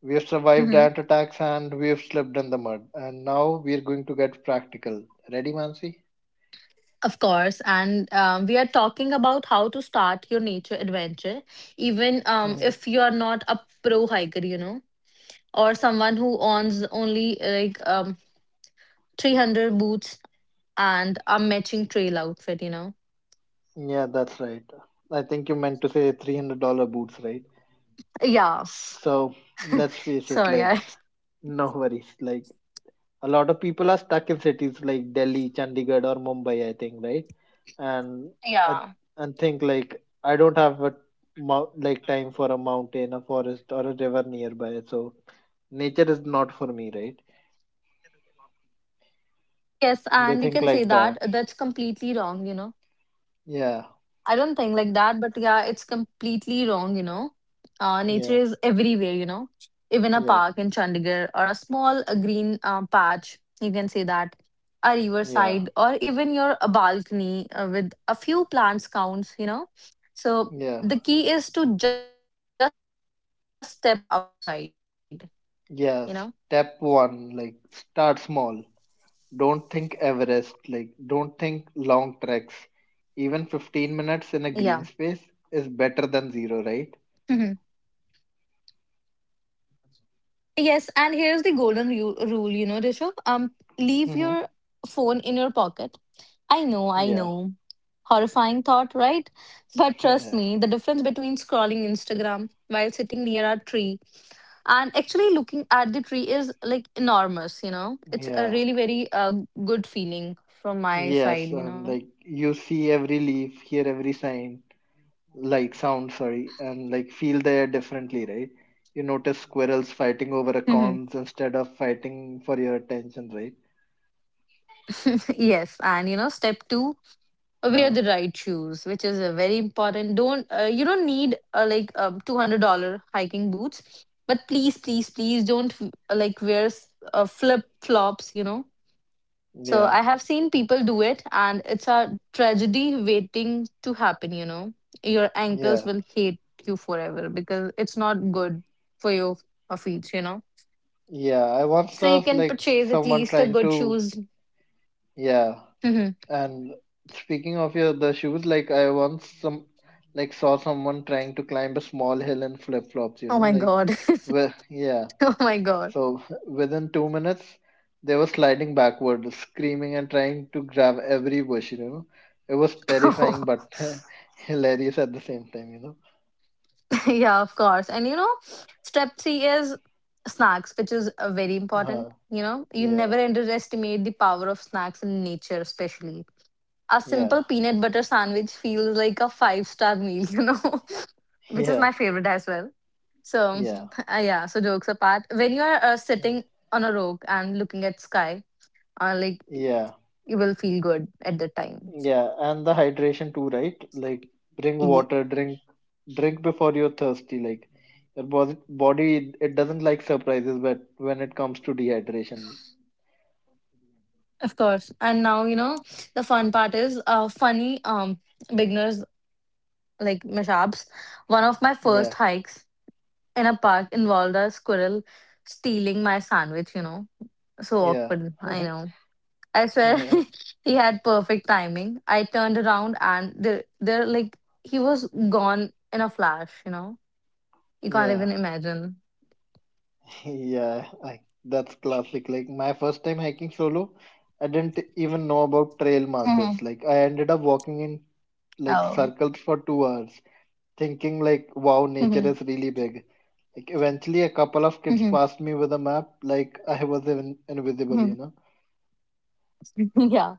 we have survived Hmm. ant attacks and we have slipped in the mud. And now we are going to get practical. Ready, Mansi? Of course, and we are talking about how to start your nature adventure, even if you are not a pro hiker, you know, or someone who owns only like 300 boots and a matching trail outfit, you know. Yeah, that's right. I think you meant to say $300 boots, right? Yeah, So let's face it, sorry, like, guys. no worries. Like, a lot of people are stuck in cities like Delhi, Chandigarh, or Mumbai, I think, right? And I Yeah. and think like I don't have a like time for a mountain, a forest, or a river nearby. So nature is not for me, right? Yes, and you can say They that. Think That's like that. completely wrong, you know. I Yeah, don't think like that, but yeah, it's completely wrong, you know. Nature is yeah, everywhere, you know. Even a park in yeah, Chandigarh or a small green patch, you can say that. A riverside yeah, or even your balcony with a few plants counts, you know. So the yeah, key is to just step outside, you know. yeah. Step one, like, start small. Don't think Everest, like, don't think long treks. Yeah. Even 15 minutes in a green space is better [LAUGHS] than zero, right? Yes, and here's the golden rule, you know, Rishabh. Leave your Mm-hmm. phone in your pocket. I know, I know. Yeah, Horrifying thought, right? But trust me, the yeah, difference between scrolling Instagram while sitting near a tree and actually looking at the tree is like enormous, you know. It's a really yeah. very good feeling from my side, Yes, you know. and like you see every leaf, hear every sign, like sound, sorry, and like feel the air differently, right? You notice squirrels fighting over a Mhm. corns instead of fighting for your attention, right? [LAUGHS] Yes, and you know, step two, wear Uh-huh. the right shoes, which is a very important. Don't You don't need like, $200 hiking boots, but please, please, please don't like, wear flip flops, you know. So Yeah, I have seen people do it, and it's a tragedy waiting to happen, you know. Your ankles yeah, will hate you forever, because it's not good for your feet, you know. yeah. I once So saw you can like purchase at someone least a trying good to, shoes. [LAUGHS] yeah. Mhm. And speaking of your the shoes, like I once some like saw someone trying to climb a small hill in flip-flops, Oh my god. Yeah. [LAUGHS] Oh my god. So within 2 minutes, they were sliding backward, screaming and trying to grab every bush, you know. It was terrifying [LAUGHS] but [LAUGHS] hilarious at the same time, you [LAUGHS] Yeah, of course. And you know, step three is snacks, which is very know. important. You know, you Yeah, never underestimate the power of snacks in nature, especially. A yeah, simple peanut butter sandwich feels like a five-star meal, [LAUGHS] you know, which is yeah, my favorite as well. So, yeah, yeah, so jokes apart, when you are yeah, sitting on a rock and looking at sky, like, yeah. you will feel good at the time. Yeah, and the hydration too, right? Like drink Yeah. water, drink drink before you're thirsty. Like your body it doesn't like surprises, but when it comes to dehydration, Of course. And now, you know, the fun part is funny beginners like mishaps. One of my first yeah, hikes in a park involved a squirrel stealing my sandwich, you know. So yeah, awkward, I [LAUGHS] know. I swear yeah, [LAUGHS] he had perfect timing. I turned around and they're like, he was gone in a flash, you know. You can't yeah, even imagine. [LAUGHS] yeah. I, That's classic. Like my first time hiking solo, I didn't even know about trail markers. Mhm. Like I ended up walking in like Oh. circles for two hours, thinking like, wow, nature is Mhm. really big. Like eventually a couple of kids Mhm. passed me with a map, like I was even invisible, you Mhm. know? [LAUGHS] Yeah.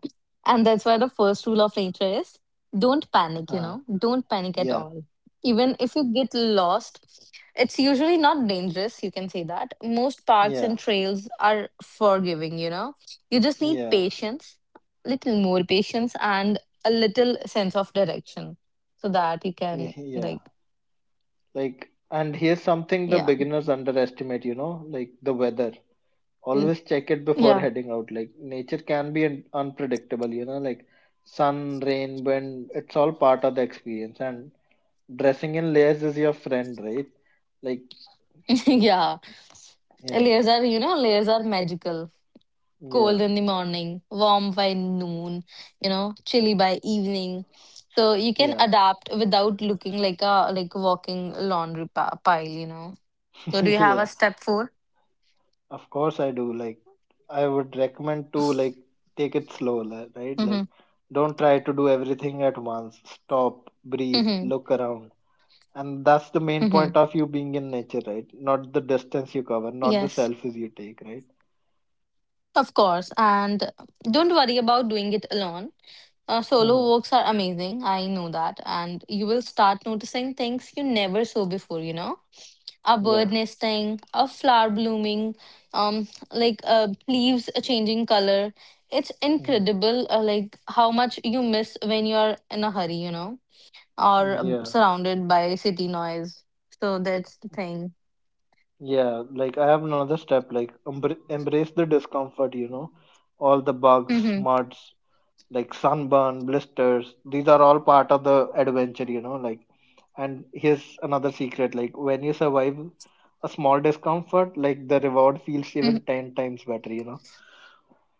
And that's why the first rule of nature is don't panic, you Uh, know. Don't panic at yeah, all. Even if you get lost, it's usually not dangerous, you can say that. Most parks yeah, and trails are forgiving, you know. You just need yeah, patience, little more patience, and a little sense of direction so that you can [LAUGHS] yeah. like, Like, and here's something the yeah. beginners underestimate, you know, like the weather. Mm. Always check it before Yeah. heading out. Like nature can be unpredictable, you know, like sun, rain, wind, it's all part of the experience. And dressing in layers is your friend, right? Like, [LAUGHS] Yeah. yeah, Layers are, you know, layers are magical. Cold yeah, in the morning, warm by noon, you know, chilly by evening. So you can yeah, adapt without looking like a walking laundry pile, you know. So do [LAUGHS] you have a yeah. step four? Of course I do. Like I would recommend to like take it slow, right? Mm-hmm. Like don't try to do everything at once. Stop, breathe, Mm-hmm. look around. And that's the main Mm-hmm. point of you being in nature, right? Not the distance you cover, not the Yes, selfies you take, right? of course. And don't worry about doing it alone. Solo hmm walks are amazing. I know that. And you will start noticing things you never saw before, you know? A Yeah. bird nesting, a flower blooming, um, like, leaves changing color. It's hmm incredible, like, how much you miss when you're in a hurry, you know, or Yeah. surrounded by city noise. So that's the thing. Yeah. Like I have another step, like embrace the discomfort, you know, all the bugs, Mm-hmm. muds, like sunburn, blisters. These are all part of the adventure, you know. Like, and here's another secret: like when you survive a small discomfort, like the reward feels even Mm-hmm. ten times better, you know.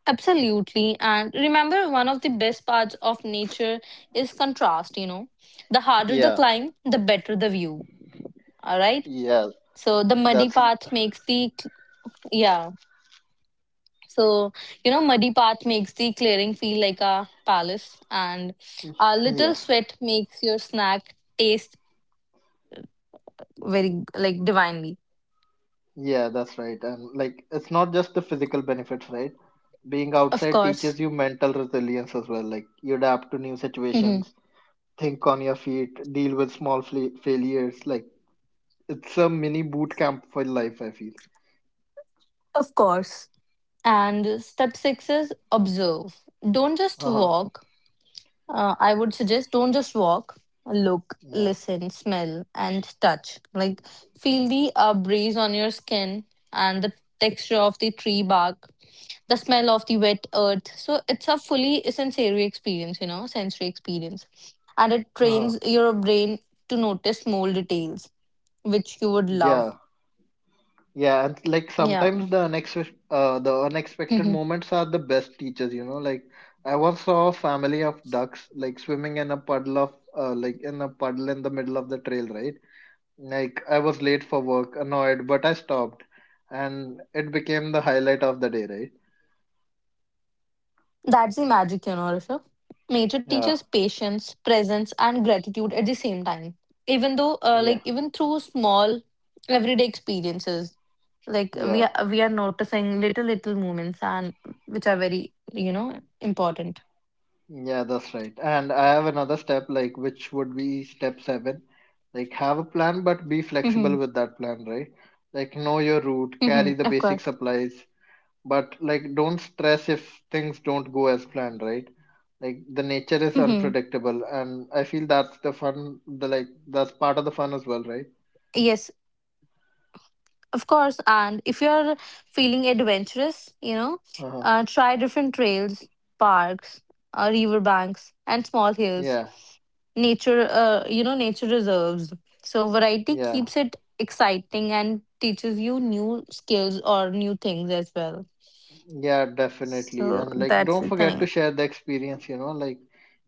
Absolutely. And remember, one of the best parts of nature is contrast, you know. The harder the Yeah, climb, the better the view. All right. yeah, So the muddy that's path makes the, yeah. So, you know, muddy path makes the clearing feel like a palace, and a yeah, little sweat makes your snack taste very, like, divinely. yeah, that's right. And like, it's not just the physical benefits, right? Being Of outside teaches course. you mental resilience as well. Like, you adapt to new Hmm. situations, think on your feet, deal with small failures. Like, it's a mini boot camp for life. I feel. Of course. And step six is observe. Don't just Uh huh. walk. I would suggest, don't just walk, look, Yeah. listen, smell, and touch. Like, feel the breeze on your skin and the texture of the tree bark, the smell of the wet earth. So, it's a fully sensory experience, you know, sensory experience. And it Uh-huh. trains your brain to notice small details, which you would love. Yeah. Yeah. And like Yeah. sometimes the unexpected [LAUGHS] moments are the best teachers, you know. Like I once saw a family of ducks like swimming in a puddle in the middle of the trail, right? Like I was late for work, annoyed, but I stopped, and it became the highlight of the day, right? That's the magic, you know, Rishabh. Nature teaches Yeah. patience, presence, and gratitude at the same time. Yeah. Even through small everyday experiences, like we Yeah. are, we are noticing little moments and which are very important. Yeah. That's right. And I have another step, like which would be step seven. Like have a plan, but be flexible Mm-hmm. with that plan, right? Like know your route, Mm-hmm. carry the Of basic course. supplies, but like don't stress if things don't go as planned, right? Like the nature is Mm-hmm. unpredictable, and I feel that's part of the fun as well, right? Yes, of course, and if you're feeling adventurous, Uh-huh. Try different trails, parks, river banks, and small hills. Yeah, Nature, nature reserves. So variety yeah, keeps it exciting and teaches you new skills or new things as well. yeah, Definitely. So And like that's don't the forget to thing. share the experience, you know, like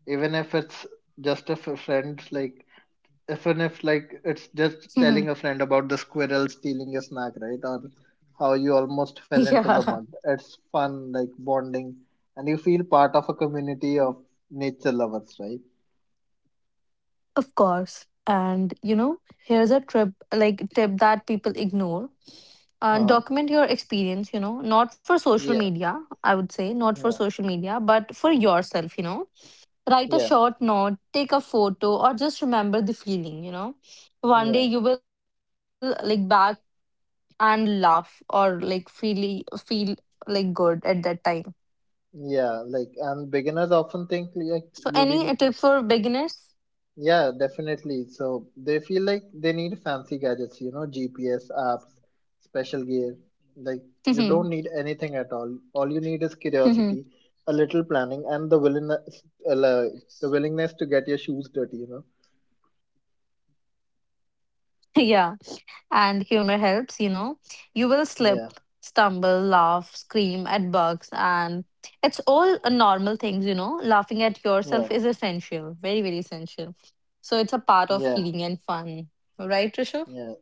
even if it's just a friend, like if it's just telling a friend about the squirrel stealing a snack, right? Or how you almost [LAUGHS] fell into the Yeah. mud, it's fun, like bonding, and you feel part of a community of nature lovers, right Of course. And you know, here's a trip like tip that people ignore. Uh-huh. Document your experience, you know, not for social yeah media, I would say, not for yeah social media, but for yourself, you know. Write a yeah short note, take a photo, or just remember the feeling, you know. One day yeah you will like back and laugh or like feel like good at that time. yeah like and beginners often think like So you any really tip for beginners? Yeah, definitely. So they feel like they need fancy gadgets, you know, GPS apps, special gear. Like you don't [LAUGHS] need anything at all. All you need is Hmm, hmm. curiosity, a little planning, and uh, la- the willingness to get your shoes dirty, you know. Yeah, and humor helps, you know. You will slip, Yeah, stumble, laugh, scream at bugs, and it's all a normal things, you know. Laughing at yourself yeah, is essential, very, very essential. So it's a part of yeah, healing and fun, right, Rishabh? yeah,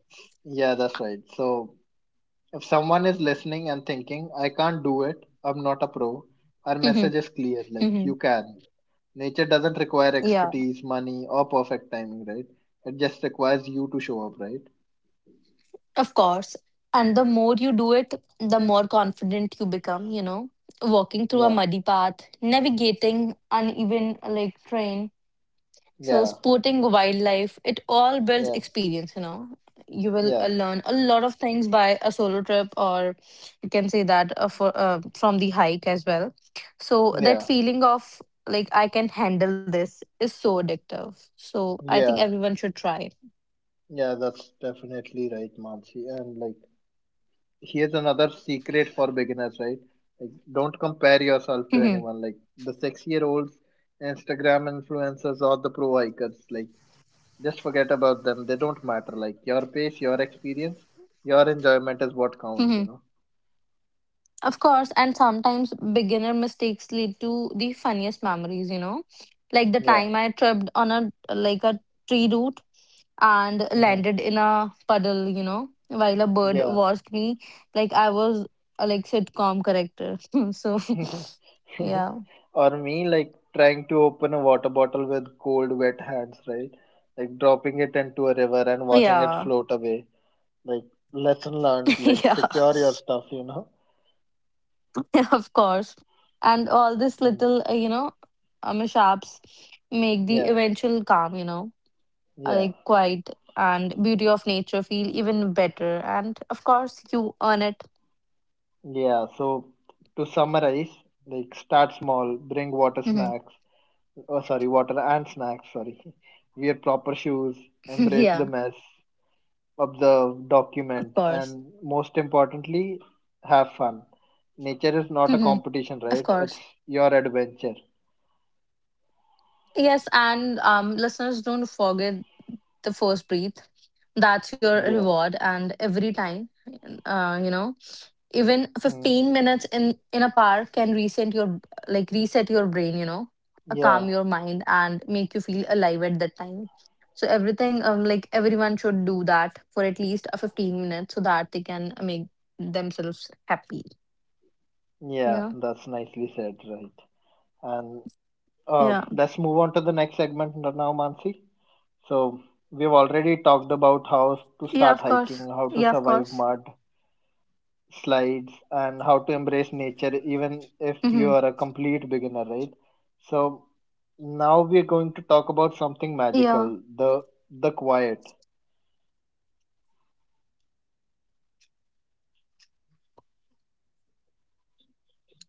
yeah. That's right. So if someone is listening and thinking, I can't do it, I'm not a pro, our Mhm, message is clear, like, mhm. you can. Nature doesn't require Yeah, expertise, money, or perfect timing, right? It just requires you to show up, right? of course. And the more you do it, the more confident you become, you know. Walking through a Yeah, muddy path, navigating uneven like terrain, so yeah, sporting wildlife, it all builds yeah, experience, you know. You will yeah, learn a lot of things by a solo trip, or you can say that for from the hike as well. So that yeah, feeling of like I can handle this is so addictive. So I think yeah, everyone should try. yeah, that's definitely right, Mansi. And like, here's another secret for beginners, right? Like, don't compare yourself to Mhm. anyone, like the 6 year olds, Instagram influencers, or the pro hikers. Like, just forget about them. They don't matter. Like your pace, your experience, your enjoyment is what counts, you Mhm. know. Of course, and sometimes beginner mistakes lead to the funniest memories, you know. Like the Yeah. time I tripped on a tree root and hmm landed in a puddle, you know, while a bird Yeah. watched me like I was a sitcom character. [LAUGHS] So [LAUGHS] yeah. [LAUGHS] or me, like trying to open a water bottle with cold, wet hands, right? Like dropping it into a river and watching it Yeah. float away. Like lesson learned. Like [LAUGHS] Yeah. secure your stuff, you know. [LAUGHS] Of course. And all this Mm. little, mishaps make the Yeah. eventual calm, you know, Yeah. like quiet and beauty of nature feel even better. And of course, you earn it. Yeah. So to summarize, like start small, bring Mhm. Oh, sorry, water and snacks. Sorry. [LAUGHS] Wear proper shoes, [LAUGHS] embrace the Yeah, mess, observe, of document, course. and most importantly, have fun. Nature is not a Mhm. competition, Of right? It's course. your adventure. Yes, and listeners, don't forget the first breath, that's your Yeah. reward. And every time, uh, you know even Mm. 15 minutes in a park can reset your reset your brain, you know, Yeah. calm your mind and make you feel alive at that time. So everything, everyone should do that for at least a 15 minutes so that they can make themselves happy. Yeah. Yeah, That's nicely said, right? And yeah, let's move on to the next segment now, Mansi. So, we've already talked about how to yeah, start of course. hiking, how to Yeah, of survive course. mud, slides, and how to embrace nature even if you Hmm. are a complete beginner, right? So now we are going to talk about something magical: the quiet.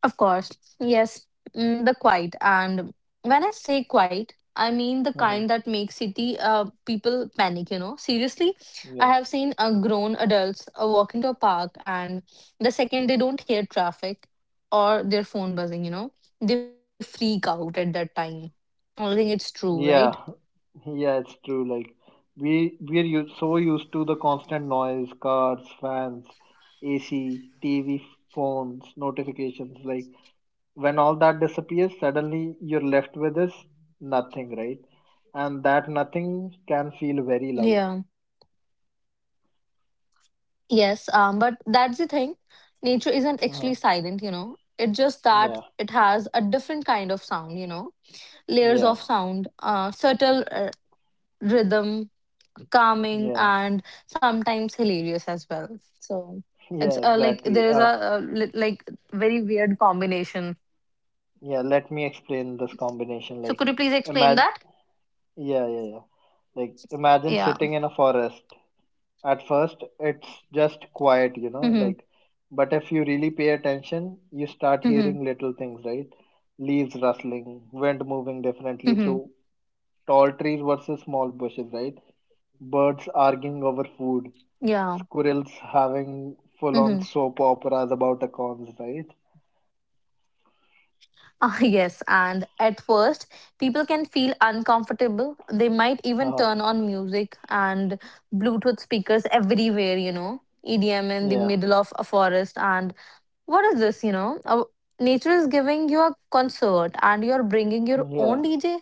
Of course, yes, mm, the quiet. And when I say quiet, I mean the Mhm. kind that makes city people panic, you know. Seriously, I yeah have seen grown adults walk into a park, and the second they don't hear traffic or their phone buzzing, you know, they freak out at that time. I think it's true, right? yeah [LAUGHS] yeah it's true like we we are so used to the constant noise, cars, fans, ac, tv, phones, notifications, when all that disappears suddenly, you're left with this nothing, right? And that nothing can feel very loud. Yeah. Yes, but that's the thing. Nature isn't Uh-huh. actually silent, you know. It's just that Yeah, it has a different kind of sound, you know, layers yeah, of sound, subtle rhythm, calming, yeah, and sometimes hilarious as well. So [LAUGHS] it's yeah, like Exactly. there is a li- like very weird combination. Yeah, Let me explain this combination. So could Like, you please explain imagine, that? yeah, yeah, yeah. Like, imagine Yeah. sitting in a forest. At first, it's just quiet, you know, Mm-hmm. like, but if you really pay attention, you start Mm-hmm. hearing little things, right? Leaves rustling, wind moving differently Mm-hmm. through tall trees versus small bushes, right? Birds arguing over food, Yeah. squirrels having full on Mm-hmm. [LAUGHS] soap operas about acorns, right? Ah, yes, and at first, people can feel uncomfortable. They might even Oh, turn on music and Bluetooth speakers everywhere, you know, EDM in the yeah, middle of a forest. And what is this, you know? Nature is giving you a concert and you're bringing your own yeah, DJ?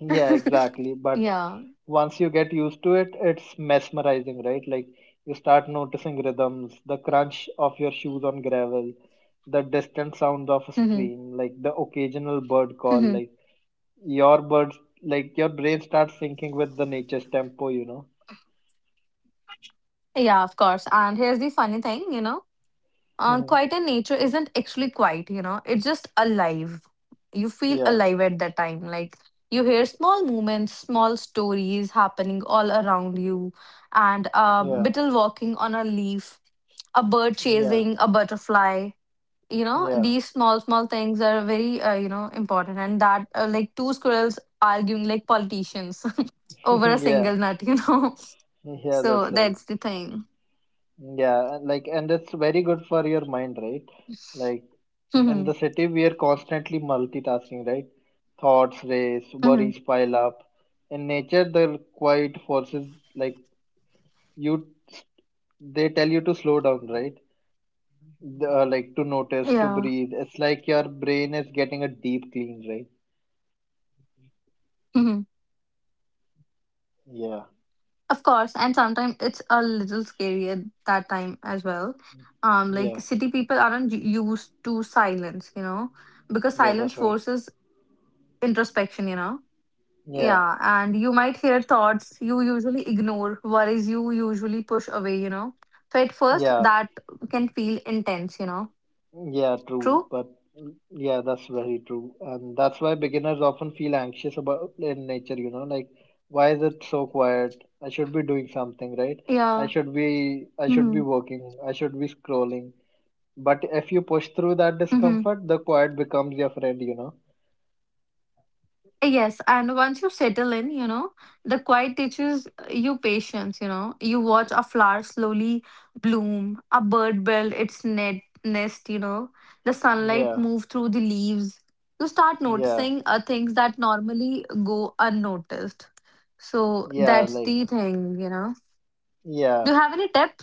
yeah, exactly. But Yeah. once you get used to it, it's mesmerizing, right? Like you start noticing rhythms, the crunch of your shoes on gravel, the distant sound of a Hmm, stream, like the occasional bird call, hmm. like your brain starts syncing with the nature's tempo, you know? Yeah, of course. And here's the funny thing, you know, Hmm quiet in nature isn't actually quiet, you know, it's just alive. You feel Yeah, alive at that time. Like you hear small movements, small stories happening all around you, and a yeah, beetle walking on a leaf, a bird yeah, chasing a butterfly, you know, yeah, these small things are very, important. And that like two squirrels arguing like politicians [LAUGHS] over a [LAUGHS] yeah, single nut, you know. [LAUGHS] yeah, That's So right. that's the thing. Yeah, and like, and it's very good for your mind, right? Like, [LAUGHS] in the Hmm, city, we are constantly multitasking, right? Thoughts race, hmm. worries pile up. In nature, the quiet forces like you, they tell you to slow down, right? To notice, to Yeah. breathe. It's like your brain is getting a deep clean, right? Hmm. Yeah, Of course, and sometimes it's a little scary at that time as well. Like city yeah, people aren't used to silence, you know, because silence yeah, that's right. forces introspection, you know. Yeah, Yeah, and you might hear thoughts you usually ignore, worries you usually push away, you know. So at first, yeah. that can feel intense, you know. Yeah, true. True? But yeah, that's very true. And that's why beginners often feel anxious about in nature, you know, like why is it so quiet? I should be doing something, right? I Yeah. should be I should be Mm-hmm. working. I should be scrolling. But if you push through that Mm-hmm. discomfort, the quiet becomes your friend, you know. Yes, and once you settle in, you know, the quiet teaches you patience, you know. You watch a flower slowly bloom, a bird build its net nest, you know. The sunlight Yeah, move through the leaves. You start yeah, noticing things that normally go unnoticed. So yeah, that's like the thing, you know. yeah, Do you have any tip?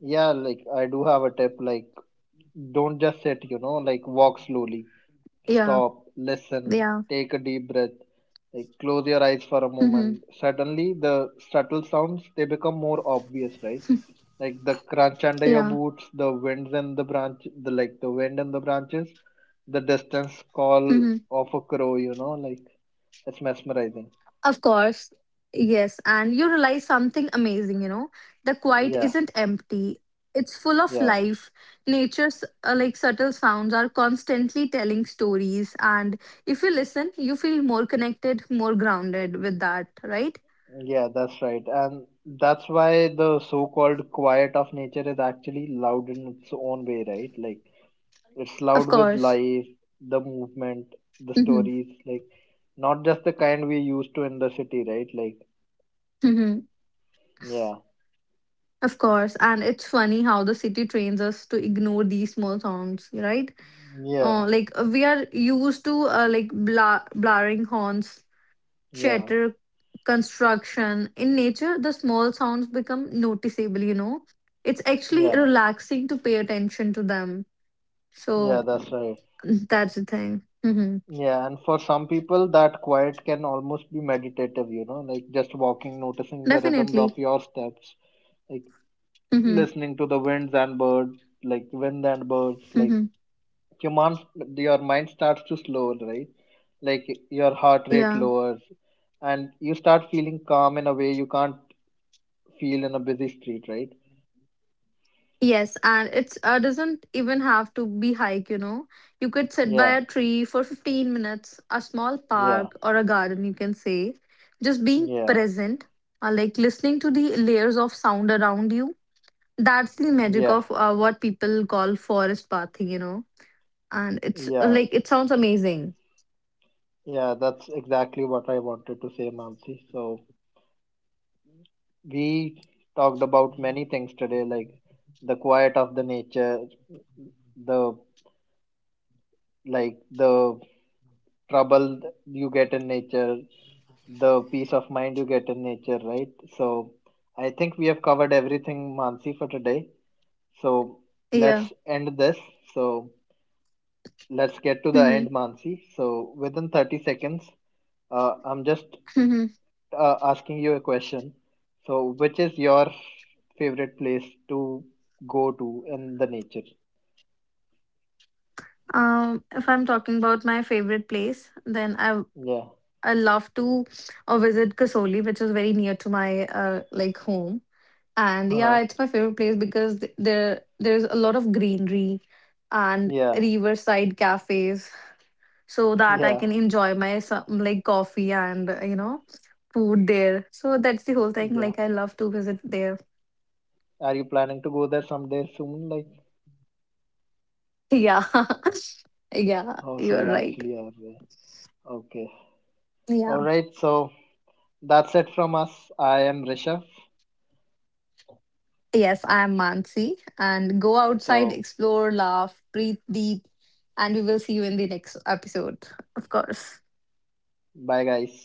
yeah, like I do have a tip, like don't just sit, you know, like walk slowly. Yeah, Stop, listen, yeah, take a deep breath, like close your eyes for a mm-hmm. moment. Suddenly, the subtle sounds they become more obvious, right? Like the crunch under your Yeah, boots, the wind in the branches, the distance call mm-hmm. of a crow. You know, like it's mesmerizing. Of course. Yes, and you realize something amazing, you know, the quiet Yeah, isn't empty. It's full of yeah, life. Nature's like subtle sounds are constantly telling stories, and if you listen, you feel more connected, more grounded with that, right? yeah. That's right, and that's why the so-called quiet of nature is actually loud in its own way, right? Like it's Of loud with course. life, the movement, the Mm-hmm. stories, like not just the kind we used to in the city, right? Like, Mm-hmm. yeah, Of course, and it's funny how the city trains us to ignore these small sounds, right? yeah, We are used to, blaring horns, yeah, chatter, construction. In nature, the small sounds become noticeable, you know. It's actually yeah, relaxing to pay attention to them. So yeah, that's mm, right. that's the thing. Hmm. Yeah, and for some people, that quiet can almost be meditative, you know, like just walking, noticing the rhythms Definitely. of your steps, like Hmm, listening to the wind and birds, like hmm. your mind, your mind starts to slow, right? Like your heart rate Yeah. lowers and you start feeling calm in a way you can't feel in a busy street, right Yes, and it doesn't even have to be hike, you know. You could sit yeah by a tree for 15 minutes, a small yeah park or a garden, you can say. Just being yeah present, like listening to the layers of sound around you. That's the magic yeah of what people call forest bathing, you know. And it's yeah like it sounds amazing. yeah that's exactly what I wanted to say, Mansi. So we talked about many things today, like the quiet of the nature, the the trouble you get in nature, the peace of mind you get in nature, right? So I think we have covered everything, Mansi, for today. So Yeah. let's end this. So let's get to the Mm-hmm. end, Mansi. So within 30 seconds, uh, I'm just Mm-hmm. uh, asking you a question. So which is your favorite place to go to in the nature? If I'm talking about my favorite place, then I Yeah. I love to visit Kasoli, which is very near to my like home. And Uh, yeah, it's my favorite place because there's a lot of greenery and yeah. riverside cafes, so that I Yeah. can enjoy my some, like coffee and food there. So that's the whole thing. Yeah. Like I love to visit there. [LAUGHS] Are you planning to go there someday soon? Like, Yeah, [LAUGHS] yeah, oh, so you're you right. actually are there. Okay. All Yeah. right. So that's it from us. I am Rishabh. Yes, I am Mansi. And go outside, So, explore, laugh, breathe deep, and we will see you in the next episode, of course. bye guys.